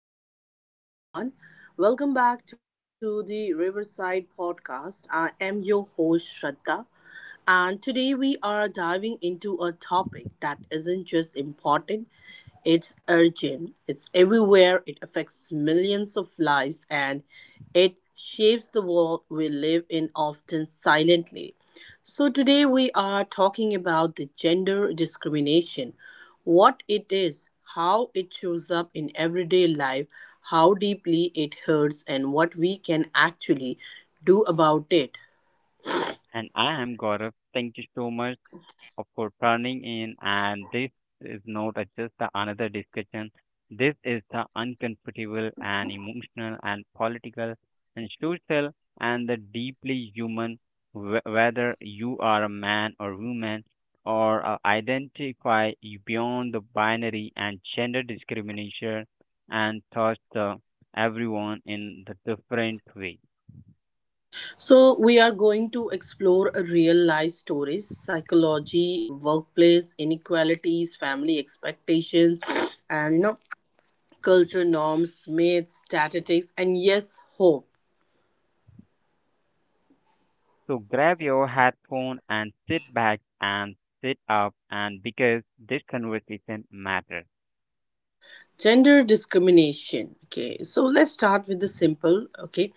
morning to each and everyone. Welcome back to the Riverside Podcast. I am your host Shraddha. And today we are diving into a topic that isn't just important, it's urgent. It's everywhere, it affects millions of lives, and it shapes the world we live in often silently. So, today we are talking about the gender discrimination, what it is, how it shows up in everyday life, how deeply it hurts, and what we can actually do about it. And I am Gaurav. Thank you so much for turning in. And this is not a- just the another discussion. This is the uncomfortable and emotional and political and social and the deeply human, whether you are a man or woman or identify you beyond the binary and gender discrimination and touch the everyone in the different way. So, we are going to explore real life stories, psychology, workplace inequalities, family expectations, and culture norms, myths, statistics, and yes, hope. So grab your headphone and sit back and sit up and because this conversation matters. Gender discrimination, okay, so let's start with the simple. Okay,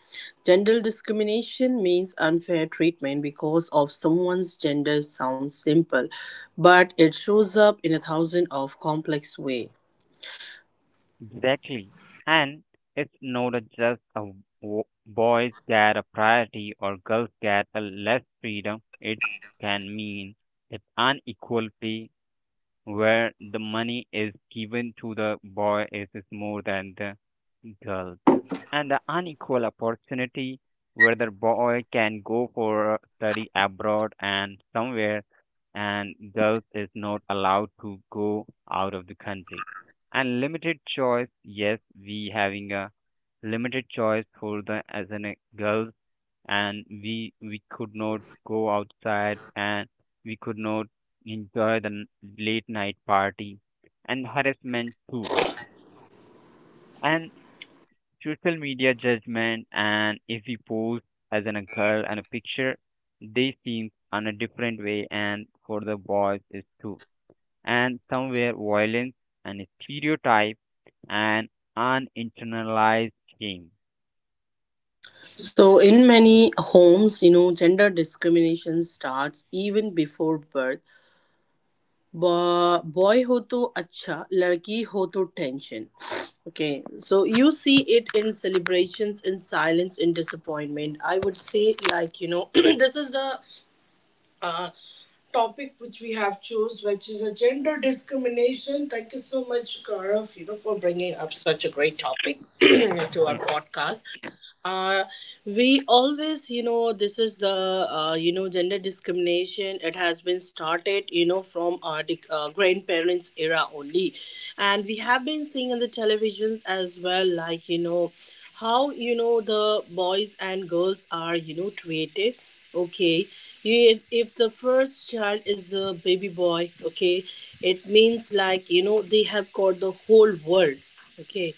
gender discrimination means unfair treatment because of someone's gender. Sounds simple, but it shows up in a thousand of complex way. Exactly. And it's not a just a boys get a priority or girls get a less freedom. It can mean that unequal pay where the money is given to the boy is more than the girl. And the unequal opportunity where the boy can go for study abroad and somewhere and girls is not allowed to go out of the country and limited choice, yes, we having a limited choice for the as an girls, and we could not go outside and we could not enjoy the late night party and harassment too and social media judgment, and if we post as an a girl and a picture they seem on a different way and for the boys is too and somewhere violence and stereotype and uninternalized shame. So in many homes, gender discrimination starts even before birth. Boy ho to acha ladki ho to tension. Okay, so you see it in celebrations, in silence, in disappointment, I would say. Like this is the uh, topic which we have chose, which is a gender discrimination. Thank you so much, Gaurav, for bringing up such a great topic to our Yeah. podcast. Uh, we always, this is the, gender discrimination. It has been started, from our grandparents' era only. And we have been seeing in the televisions as well, like, how, the boys and girls are, treated. Okay, you, if, the first child is a baby boy, okay, it means like they have got the whole world. Okay,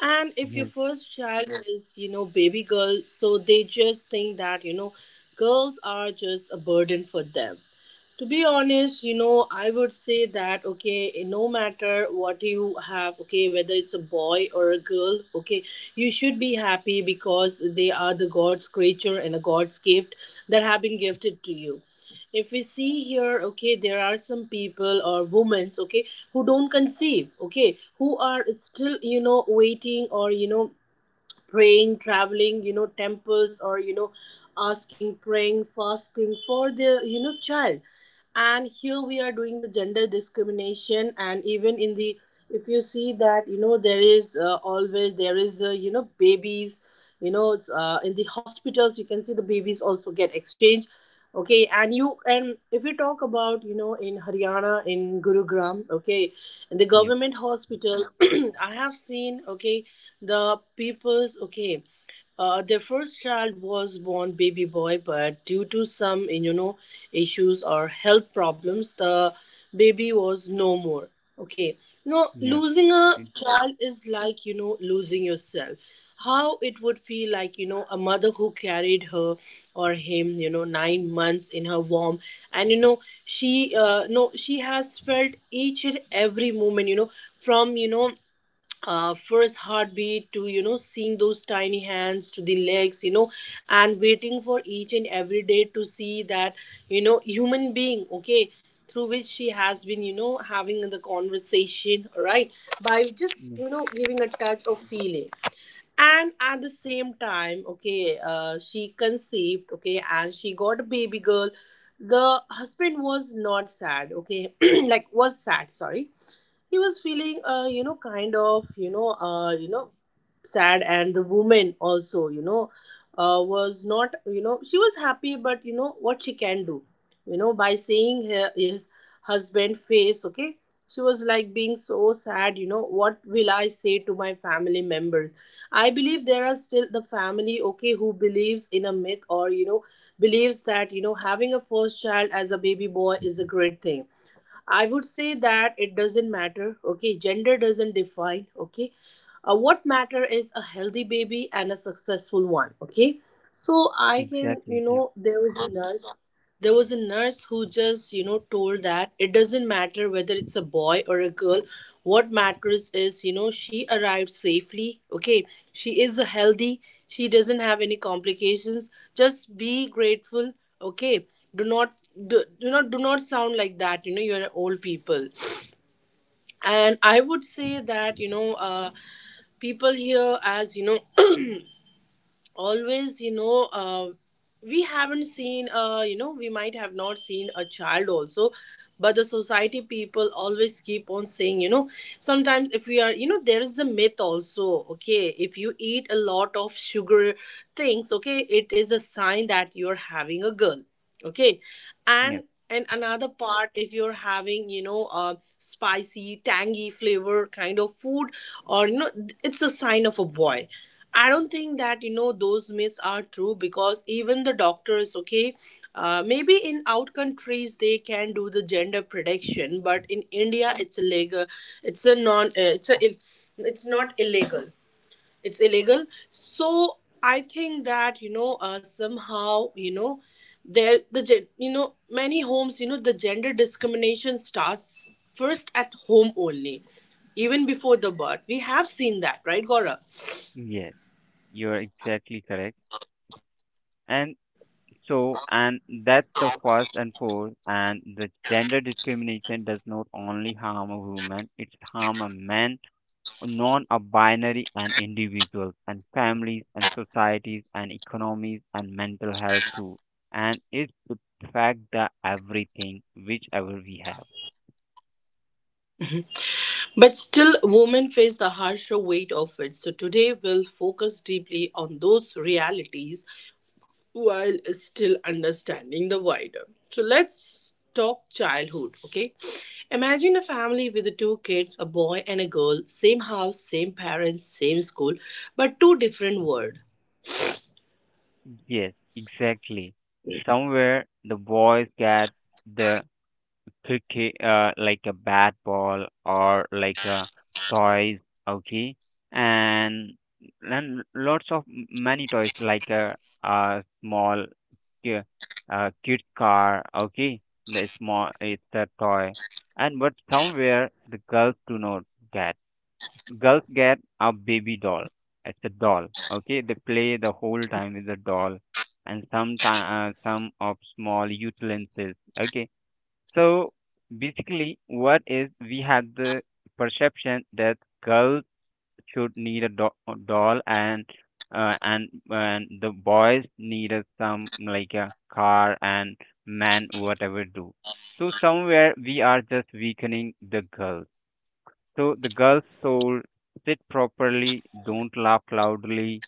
and if your Yes. first child is baby girl, so they just think that girls are just a burden for them, to be honest. I would say that, okay, no matter what you have, okay, whether it's a boy or a girl, okay, you should be happy because they are the god's creature and a god's gift that have been gifted to you. If we see here, okay, there are some people or women, okay, who don't conceive, okay, who are still waiting or praying, traveling, temples or, asking, praying, fasting for the, child. And here we are doing the gender discrimination. And even in the, if you see that, there is always, there is, babies, it's, in the hospitals, you can see the babies also get exchanged. Okay, and if you talk about in Haryana, in Gurugram, okay, in the Yep. government hospital, I have seen, okay, the people's. Okay, their first child was born baby boy, but due to some issues or health problems, the baby was no more. Okay, now Yep. losing a e- child is like losing yourself. How it would feel like, a mother who carried her or him 9 months in her womb, and she no she has felt each and every moment, from first heartbeat to seeing those tiny hands to the legs, and waiting for each and every day to see that human being, okay, through which she has been having the conversation. All right, by just mm, giving a touch of feeling. And at the same time, okay, she conceived, okay, and she got a baby girl. The husband was not sad, okay, like was sad, sorry, he was feeling, kind of sad, and the woman also, was not, she was happy, but what she can do, by seeing her, his husband face. Okay, she was like being so sad, what will I say to my family members. I believe there are still the family, okay, who believes in a myth or believes that having a first child as a baby boy is a great thing. I would say that it doesn't matter. Okay, gender doesn't define. Okay, what matter is a healthy baby and a successful one. Okay, so I can, exactly. Yep. There was a nurse. There was a nurse who just told that it doesn't matter whether it's a boy or a girl. What matters is, she arrived safely. Okay, she is healthy. She doesn't have any complications. Just be grateful. Okay, do not do not, do not sound like that, you're old people. And I would say that people here, as always, we haven't seen, we might have not seen a child also, but the society people always keep on saying, sometimes if we are, there is a myth also. Okay, if you eat a lot of sugar things, okay, it is a sign that you're having a girl. Okay, and Yep. and another part, if you're having, spicy tangy flavor kind of food, or it's a sign of a boy. I don't think that those myths are true, because even the doctors, okay, maybe in out countries they can do the gender prediction, but in India it's illegal. It's a non. It's a. It's not illegal. It's illegal. So I think that somehow, there, the many homes, the gender discrimination starts first at home only, even before the birth, we have seen that, right, Gaurav? Yes, you're exactly correct. And so, and that's the first and fourth, and the gender discrimination does not only harm a woman, it's harm a man, non-binary and individuals and families and societies and economies and mental health too. And it affects the everything, whichever we have. But still, women face the harsher weight of it. So today, we'll focus deeply on those realities, while still understanding the wider. So let's talk childhood, okay? Imagine a family with the two kids, a boy and a girl, same house, same parents, same school, but two different worlds. Yes, exactly. Somewhere the boys get the cookie, uh, like a bat ball or like a toys, okay, and then lots of many toys like a small ki- cute car, okay, the small it's a toy. And but somewhere the girls do not get, girls get a baby doll, it's a doll, okay, they play the whole time with the doll and some some of small utensils, okay. So basically, what is we had the perception that girls should need a doll, and and the boys needed some like a car and man whatever do. So somewhere we are just weakening the girls. So the girls told sit properly, don't laugh loudly,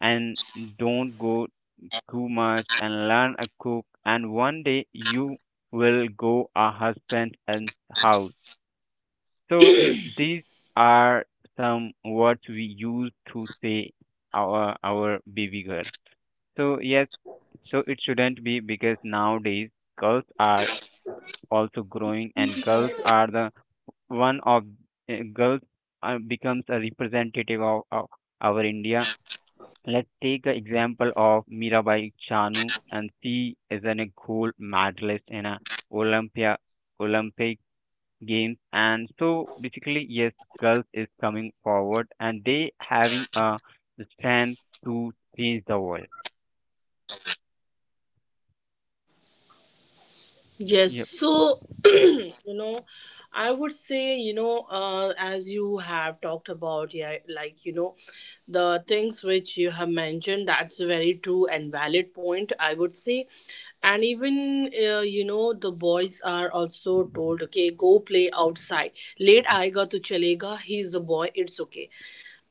and don't go too much and learn a cook and one day you will go a husband and house. So these are some words we use to say our baby girl. So yes, so it shouldn't be because nowadays girls are also growing and girls are the one of girls becomes a representative of our India. Let's take the example of Mirabai Chanu, and she is a gold medalist in a Olympia Olympic Games. And so basically, yes, girls is coming forward, and they having a strength to change the world. Yes, Yep. so I would say, as you have talked about, yeah, like the things which you have mentioned, that's a very true and valid point. I would say, and even, the boys are also told, okay, go play outside. Late aayega to chalega. He's a boy. It's okay.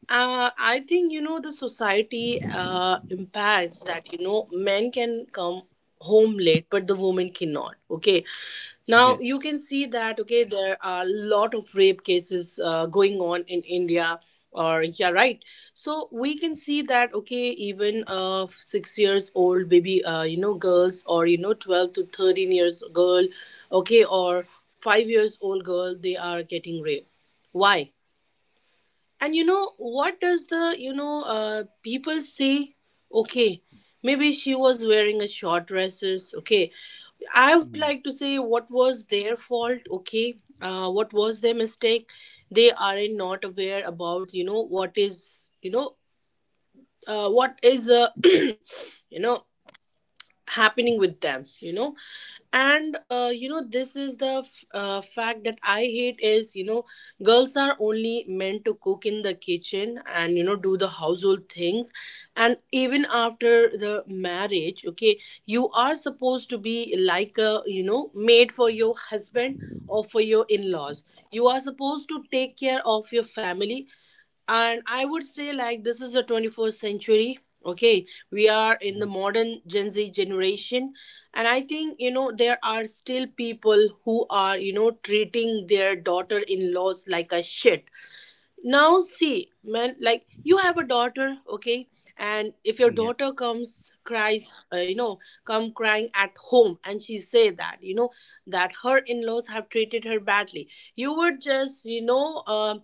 I think the society impacts that men can come home late, but the woman cannot. Okay, Yes. now you can see that, okay, there are a lot of rape cases going on in India. Or yeah, right. So we can see that, okay, even, 6 years old baby, girls, or 12 to 13 years girl, okay, or 5 years old girl, they are getting raped. Why? And what does the people say? Okay, maybe she was wearing a short dresses. Okay, I would Mm. like to say, what was their fault, okay? What was their mistake? They are not aware about, what is, what is, happening with them, And this is the fact that I hate is, girls are only meant to cook in the kitchen and do the household things. And even after the marriage, okay, you are supposed to be like a made for your husband or for your in-laws. You are supposed to take care of your family. And I would say, like, this is the 21st century. Okay, we are in Mm. the modern gen Z generation. And I think there are still people who are treating their daughter-in-laws like a shit. Now see, man, like you have a daughter, okay, and if your Yep. daughter comes, cries, come crying at home, and she say that that her in-laws have treated her badly, you would just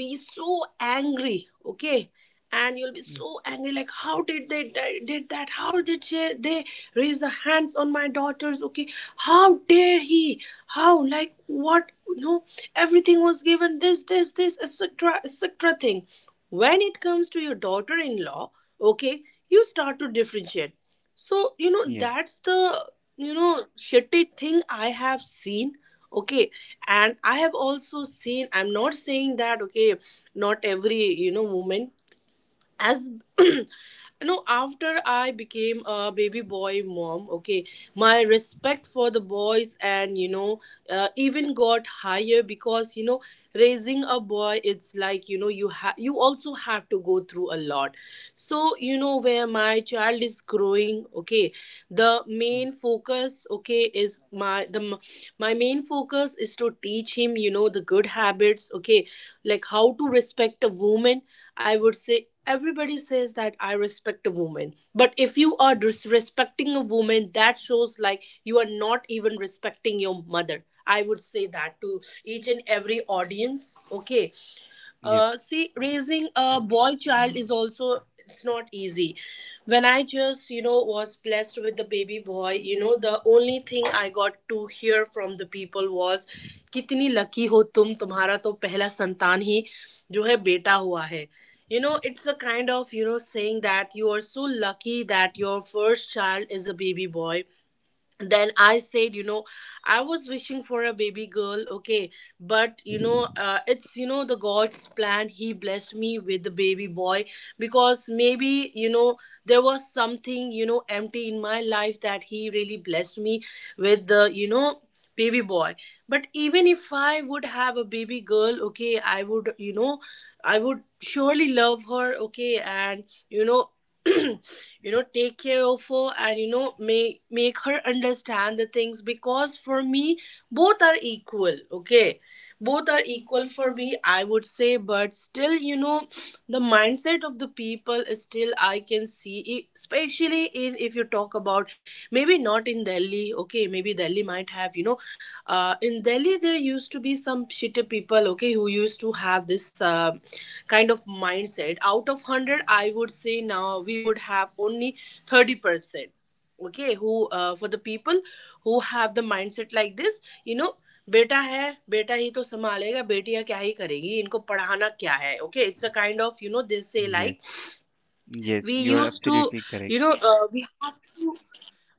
be so angry. Okay, and you'll be Mm. so angry, like, how did they did that? How did they raise the hands on my daughters? Okay, how dare he, how, like, what? No, everything was given, this, etc., etc., thing. When it comes to your daughter-in-law, okay, you start to differentiate. So Yep. that's the shitty thing I have seen. Okay, and I have also seen, I'm not saying that, okay, not every woman as no, after I became a baby boy mom, okay, my respect for the boys and even got higher, because raising a boy, it's like you also have to go through a lot. So you know, where my child is growing, okay, the main focus, okay, is my the my main focus is to teach him, you know, the good habits, okay, like how to respect a woman. I would say everybody says that I respect a woman, but if you are disrespecting a woman, that shows like you are not even respecting your mother. I would say that to each and every audience, okay. Yep. See, raising a boy child is also, it's not easy. When I just you know was blessed with the baby boy, you know, the only thing I got to hear from the people was कितनी lucky हो तुम तुम्हारा तो पहला संतान ही जो है बेटा हुआ है. You know, it's a kind of you know saying that you are so lucky that your first child is a baby boy. Then I said, you know, I was wishing for a baby girl, okay, but you know, it's you know the god's plan. He blessed me with the baby boy because maybe you know there was something you know empty in my life that he really blessed me with the you know baby boy. But even if I would have a baby girl, okay, I would you know, I would surely love her, okay, and you know you know take care of her and you know make her understand the things, because for me both are equal, okay. Both are equal for me, I would say. But still you know the mindset of the people is still, I can see, especially in, if you talk about, maybe not in Delhi, okay, maybe Delhi might have you know, in Delhi there used to be some shitty people, okay, who used to have this kind of mindset. Out of 100, I would say now we would have only 30%, okay, who for the people who have the mindset like this, you know, बेटा है बेटा ही तो संभालेगा बेटियां क्या ही करेगी इनको पढ़ाना क्या है okay it's a kind of you know this से Yes. Like Yes, we you are use to absolutely correct. You know we.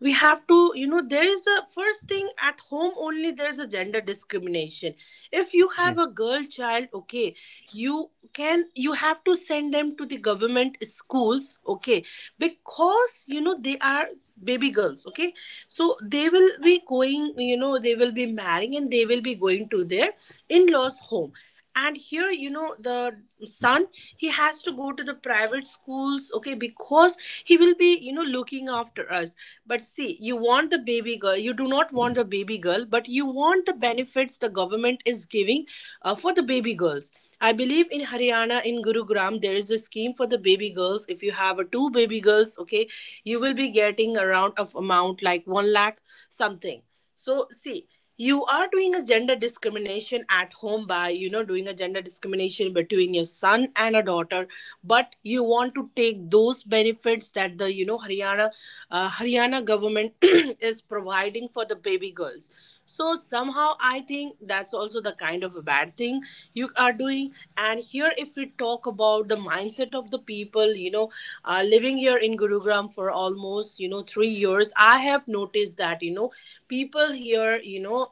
We have to, you know, there is a first thing at home only, there's a gender discrimination. If you have Yes. a girl child, okay, you can you have to send them to the government schools, okay, because you know they are baby girls, okay, so they will be going, you know, they will be marrying and they will be going to their in-laws home. And here you know the son, he has to go to the private schools, okay, because he will be you know looking after us. But see, you want the baby girl, you do not want the baby girl, but you want the benefits the government is giving for the baby girls. I believe in Haryana, in Gurugram, there is a scheme for the baby girls. If you have two baby girls, okay, you will be getting around of amount like 1 lakh something. So, see, you are doing a gender discrimination at home by, you know, doing a gender discrimination between your son and a daughter, but you want to take those benefits that the, you know, Haryana Haryana government is providing for the baby girls. So somehow I think that's also the kind of a bad thing you are doing. And here, if we talk about the mindset of the people, you know, living here in Gurugram for almost you know 3 years, I have noticed that you know people here, you know,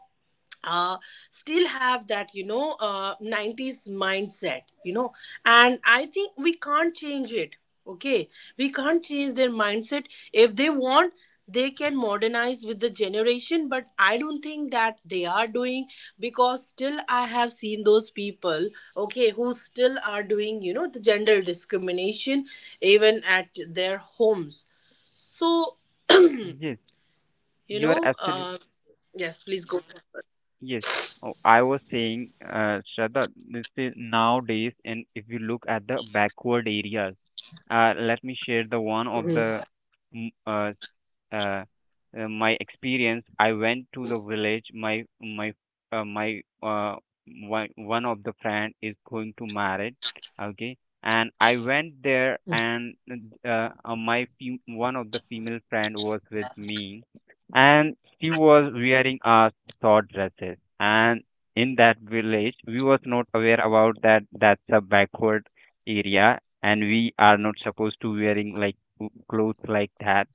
uh, still have that you know 90s mindset, you know, and I think we can't change it, okay, we can't change their mindset. If they want, they can modernize with the generation, but I don't think that they are doing, because still I have seen those people, okay, who still are doing you know the gender discrimination even at their homes. So you Yes, you are know absolutely. uh, yes, please go. Yes. Oh, I was saying, Shraddha, this is nowadays, and if you look at the backward areas, let me share the one of Mhm. the, mm, uh, my experience. I went to the village, my my one of the friend is going to married, okay, and I went there. And my one of the female friend was with me, and she was wearing a short dresses, and in that village we was not aware about that, that's a backward area and we are not supposed to wearing like clothes like that.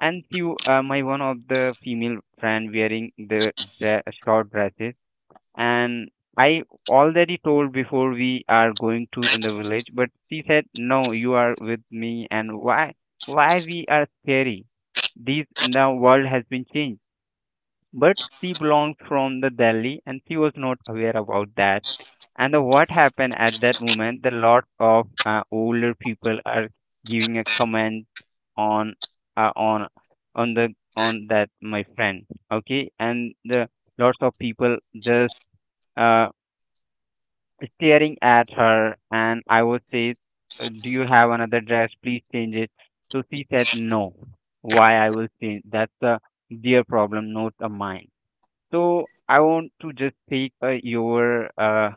And you, my one of the female friend wearing the short dresses, and I already told before we are going to in the village, but she said no, you are with me, and why we are scary? These now world has been changed, but she belonged from the Delhi and she was not aware about that. And what happened at that moment, the lot of older people are giving a comment on, uh, on on the on that my friend, okay. And the lots of people just, uh, staring at her. And I would say, do you have another dress? Please change it." So she said no. Why I will change? That's a their problem, not a mine. So I want to just take your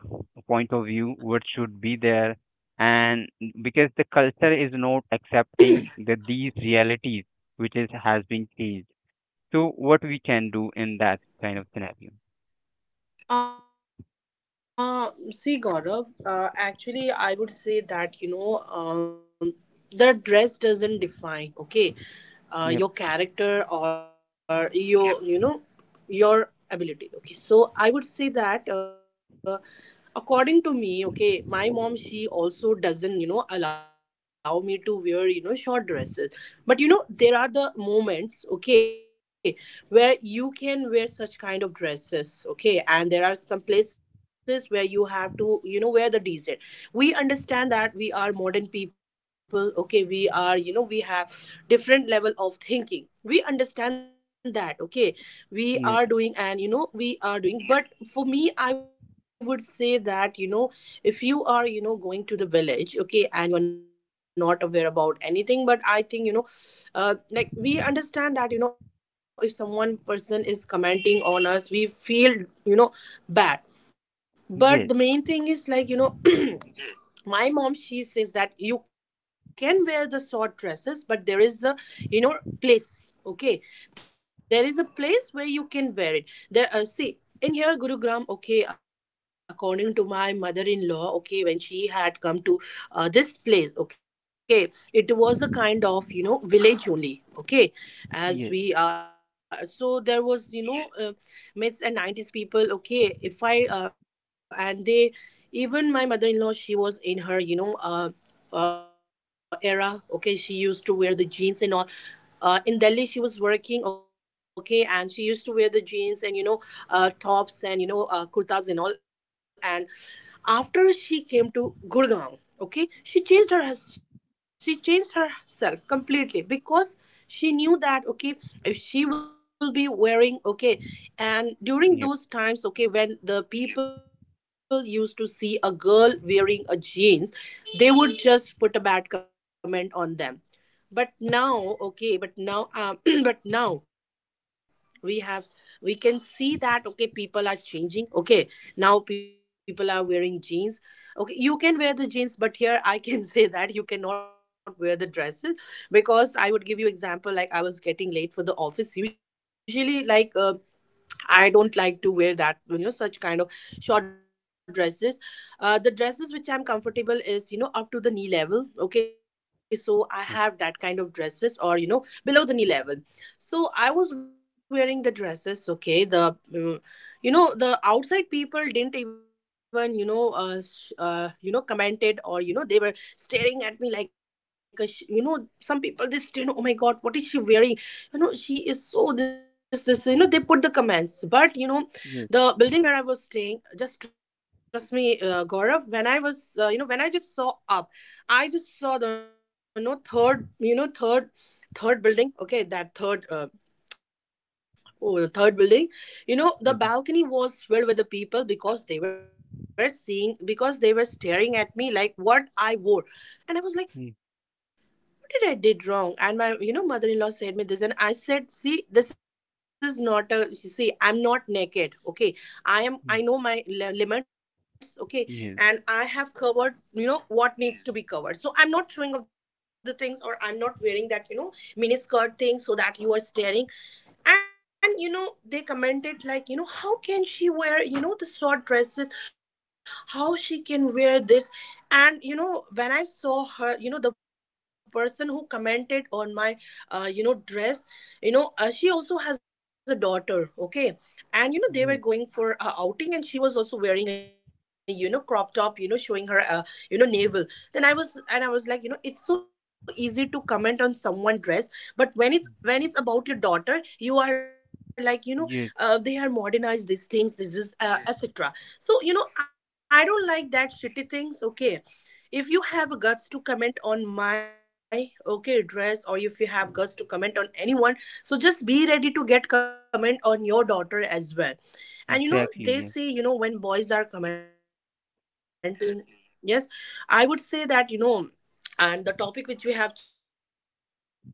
point of view, what should be there. And because the culture is not accepting that these realities which is has been changed. So what we can do in that kind of scenario? See, Gaurav, actually, I would say that, you know, the dress doesn't define, okay, Yep. your character or your, you know, your ability. Okay, so I would say that. According to me, okay, my mom, she also doesn't you know allow me to wear you know short dresses, but you know there are the moments, okay, where you can wear such kind of dresses, okay, and there are some places where you have to you know wear the decent. We understand that we are modern people, okay, we are you know we have different level of thinking. We understand that, okay, we are Yep. doing and you know we are doing, but for me I would say that you know, if you are you know going to the village, okay, and you are not aware about anything, but I think you know, like we understand that you know if someone person is commenting on us, we feel you know bad, but the Yes. main thing is like you know my mom, she says that you can wear the short dresses, but there is a you know place, okay, there is a place where you can wear it. There, see, in here Gurugram, okay, according to my mother-in-law, okay, when she had come to this place, okay, it was a kind of you know village only, okay, Yes. as we so there was you know mids and 90s people, okay, if I and they, even my mother-in-law, she was in her you know era, okay, she used to wear the jeans and all. In Delhi, she was working, okay, and she used to wear the jeans and you know, tops and you know, kurtas and all. And after she came to Gurgaon, okay, she changed herself completely because she knew that, okay, if she will be wearing, okay, and during Yep. those times, okay, when the people used to see a girl wearing a jeans, they would just put a bad comment on them. But now, okay, but now but now we have, we can see that, okay, people are changing, okay, now people are wearing jeans, okay, you can wear the jeans, but here I can say that you cannot wear the dresses, because I would give you example, like I was getting late for the office usually, like I don't like to wear that, you know, such kind of short dresses. The dresses which I'm comfortable is, you know, up to the knee level. Okay, so I have that Okay. kind of dresses, or, you know, below the knee level. So I was wearing the dresses, okay, the, you know, the outside people didn't even, you know, you know, commented or, you know, they were staring at me like a, you know, some people they stare, oh my God, what is she wearing? You know, she is so this you know, they put the comments, but you know Yes. the building where I was staying, just trust me, Gaurav, when I was you know, when I just saw up, I just saw the you know third, you know third third building, okay, that third oh, the third building, you know, the Okay. balcony was filled with the people, because they were seeing, because they were staring at me like what I wore. And I was like, Yes. what did I did wrong? And my, you know, mother-in-law said me this. And I said, see, this is not a, see, I'm not naked. Okay. I am, I know my limits. Okay. And Yes. I Yes. have covered, you know, what needs to be covered. So I'm not showing off the things or I'm not wearing that, mini skirt thing so that you are staring. And they commented like, how can she wear, the short dresses? How she can wear this? And when I saw her, the person who commented on my dress, she also has a daughter. Okay. And they were going Yes. for a outing, and she was also wearing a, crop top, showing her navel. Then I was like, it's so easy to comment on someone dress, but when it's about your daughter, you are like, they are Yes. modernized, these things, this is etc. So I don't like that shitty things. Okay. If you have guts to comment on my, okay, dress, or if you have guts to comment on anyone, so just be ready to get comment on your daughter as well. And they say, Exactly. Yep. When boys are commenting. Yes. I would say that, and the topic which we have choose, the gender discrimination,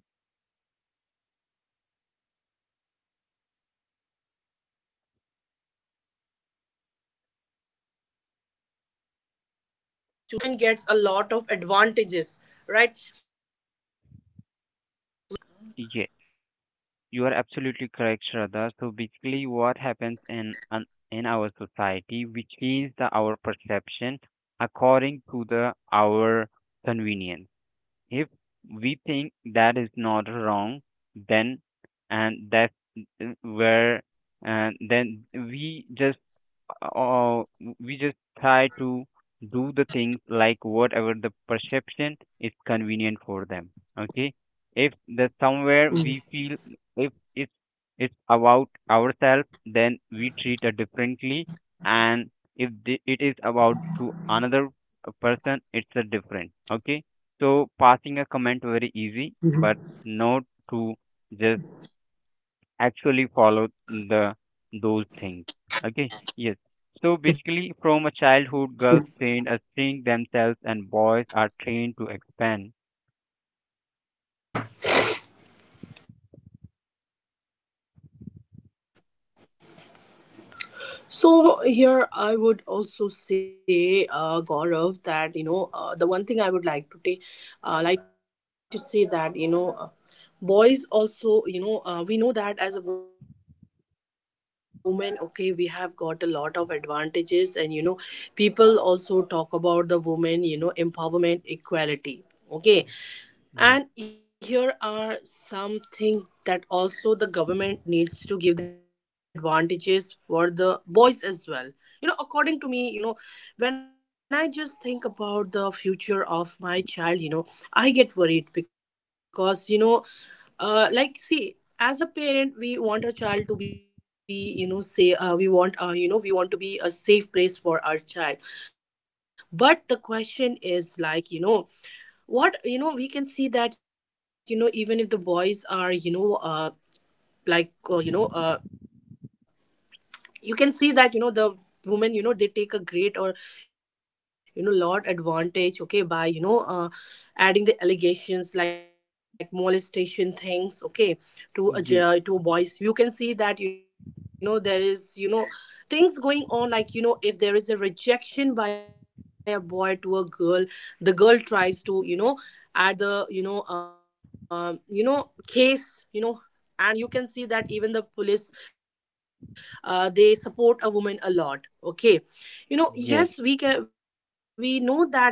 I would say, if we talk about this gender discrimination, we know that, okay, in some, in some places, the woman gets a lot of advantages, right? We can talk about. Yes, you are absolutely correct, Shraddha. So We basically, can. what happens Am in I an, audible, in our Gaurav? society, which is the our perception Uh according to the our convenience. If we think that is not wrong, then and that's where, and then we just, uh, we just try to do the things like whatever the perception is convenient for them, okay. If the somewhere we feel, if it's, it's about ourselves, then we treat it differently. And if the, it is about to another person, it's a different, okay. So passing a comment very easy, but not to just actually follow the those things. Okay, yes. So basically, from a huh. childhood, girls trained as string themselves, and boys are trained to expand. So here I would also say, Gaurav, that the one thing I would like to take, like to say that, boys also, we know that as a woman, okay, we have got a lot of advantages, and people also talk about the woman, empowerment, equality. Okay, and here are Yes, something that also the government needs to give the advantages for the boys as well. According to me, when I just think about the future of my child, I get worried because, like, see, as a parent, we want our child to be, say, we want, we want to be a safe place for our child. But the question is, like, what, we can see that even if the boys are, like uh, you know uh you can see that, the women, they take a great or, lot advantage, okay, by adding the allegations like molestation things, okay, to to a voice. You yes, can see that, there is, things going on like, if there is a rejection by a boy to a girl, the girl tries to, add the, case, and you can see that even the police, they support a woman a lot. Okay. Yes, we yes, know that, you know the you know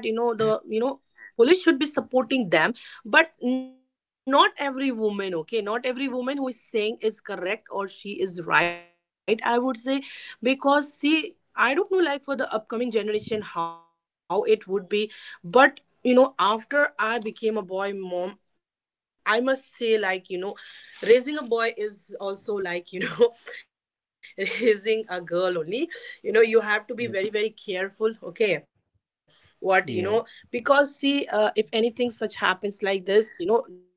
police should be supporting them, but not every woman. Okay, not every woman who is saying is correct or she is right, I would say. Because, see, I don't know, like, for the upcoming generation how it would be, but you know after I became a boy mom, I must say, like, raising a boy is also like, raising a girl only. You have to be very, very careful. yes, Okay, what you know because see, if yes, anything such happens like this, there is a huge risk. So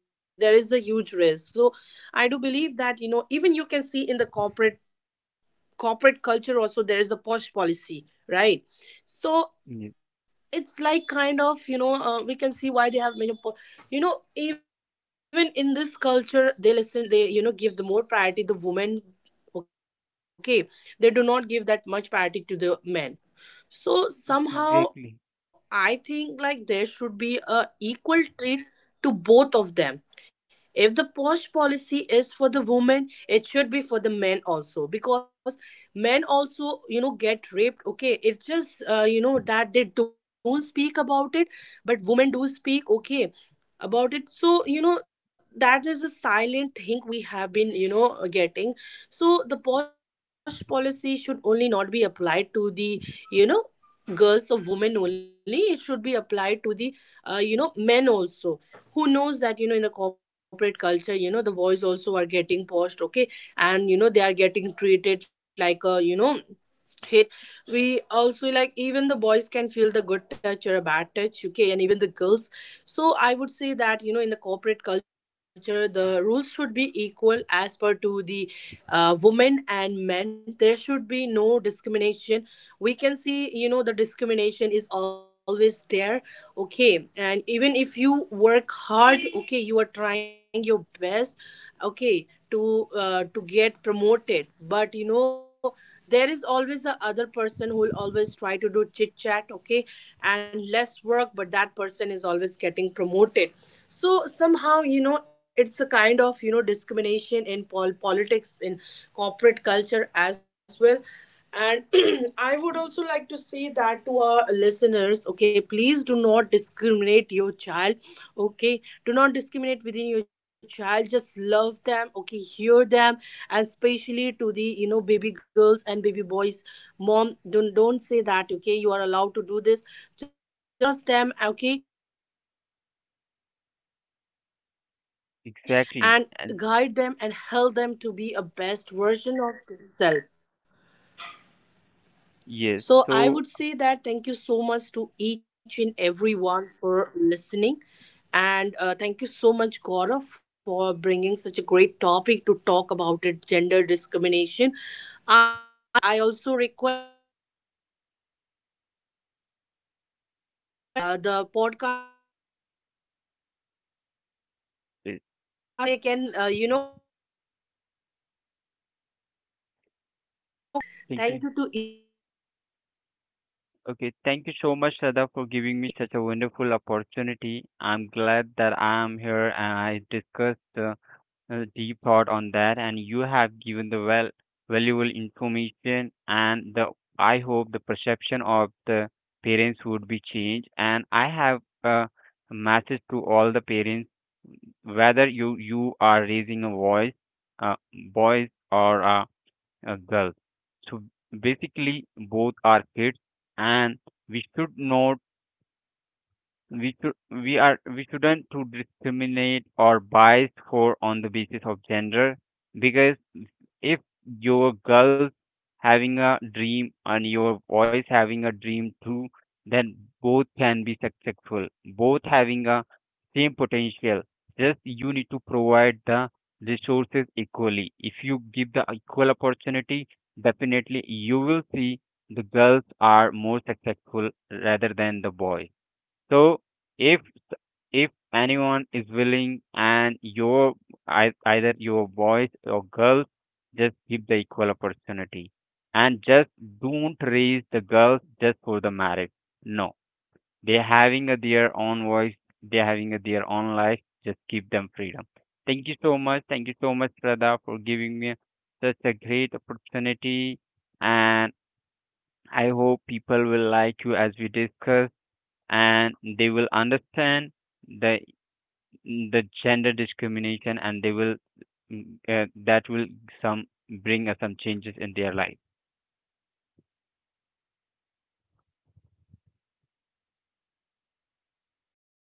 I do believe that, even you can see in the corporate culture also there is the posh policy, right? So it's like kind yes. of, we can see why they have major even in this culture they listen, they, give the more priority the women. Okay, they do not give that much priority to the men. So somehow I think like there Exactly, should be a equal treat to both of them. If the posh policy is for the women, it should be for the men also, because men also get raped. Okay, it's just, that they don't speak about it, but women do speak. Okay, about it. So that is a silent thing we have been, getting. So the post policy should only not be applied to the, you know girls or women only. It should be applied to the men also. Who knows that, in the corporate culture, the boys also are getting post. Okay, and they are getting treated like a, hit. We also like, even the boys can feel the good touch or a bad touch, okay, and even the girls. So I would say that, in the corporate culture the rules should be equal as per to the women and men. There should be no discrimination. We can see the discrimination is always there. Okay, and even if you work hard, okay, you are trying your best, okay, to get promoted, but there is always the other person who will always try to do chit chat, okay, and less work, but that person is always getting promoted. So somehow, it's a kind of, discrimination in politics, in corporate culture as well. And I would also like to say that to our listeners, okay, please do not discriminate your child. Okay? Do not discriminate within your child. Just love them, okay? Hear them, and especially to the, baby girls and baby boys, mom, don't say that, okay? You are allowed to do this. Just have a trust on your child. Be the safe place, okay? Trust them, okay, and guide them and help them exactly, to be and a best version of themselves. So I would say that thank you so yes. much to So each and everyone for listening. And thank you so much, Gaurav, for bringing such a great topic to talk about it, gender discrimination. I hope whoever is listening to us, maybe this podcast, I also request the, the auditors, okay, the podcast to be, yes, launched in Hindi in India, so that they can, get the things about it. So, thank you. about this podcast. Thank you to each and Okay, thank you everyone. so much, Thank you so Sada, much, for giving Gaurav. me such a wonderful opportunity. I'm glad that I'm here and I discussed. Deep thought on that, and you have given the well valuable information. And the I hope the perception of the parents would be changed. And I have a message to all the parents, whether you are raising a voice, uh, boys or a girl. So basically, both are kids, and we should know we should we are we shouldn't to discriminate or bias for on the basis of gender, because if your girl having a dream and your boys having a dream too, then both can be successful, both having a same potential, just you need to provide the resources equally. If you give the equal opportunity, definitely you will see the girls are more successful rather than the boys. So if if anyone is willing and your either your boys or girls, just give the equal opportunity, and just don't raise the girls just for the marriage. No, they're having a, their own voice. They're having a, their own life. Just give them freedom. Thank you so much. Thank you so much, Radha, for giving me such a great opportunity. And I hope people will like you as we discuss and they will understand the the gender discrimination, and they will, mm, that will some bring some changes in their life. Thank you. Thank you to each and everyone. Have a great day. Thank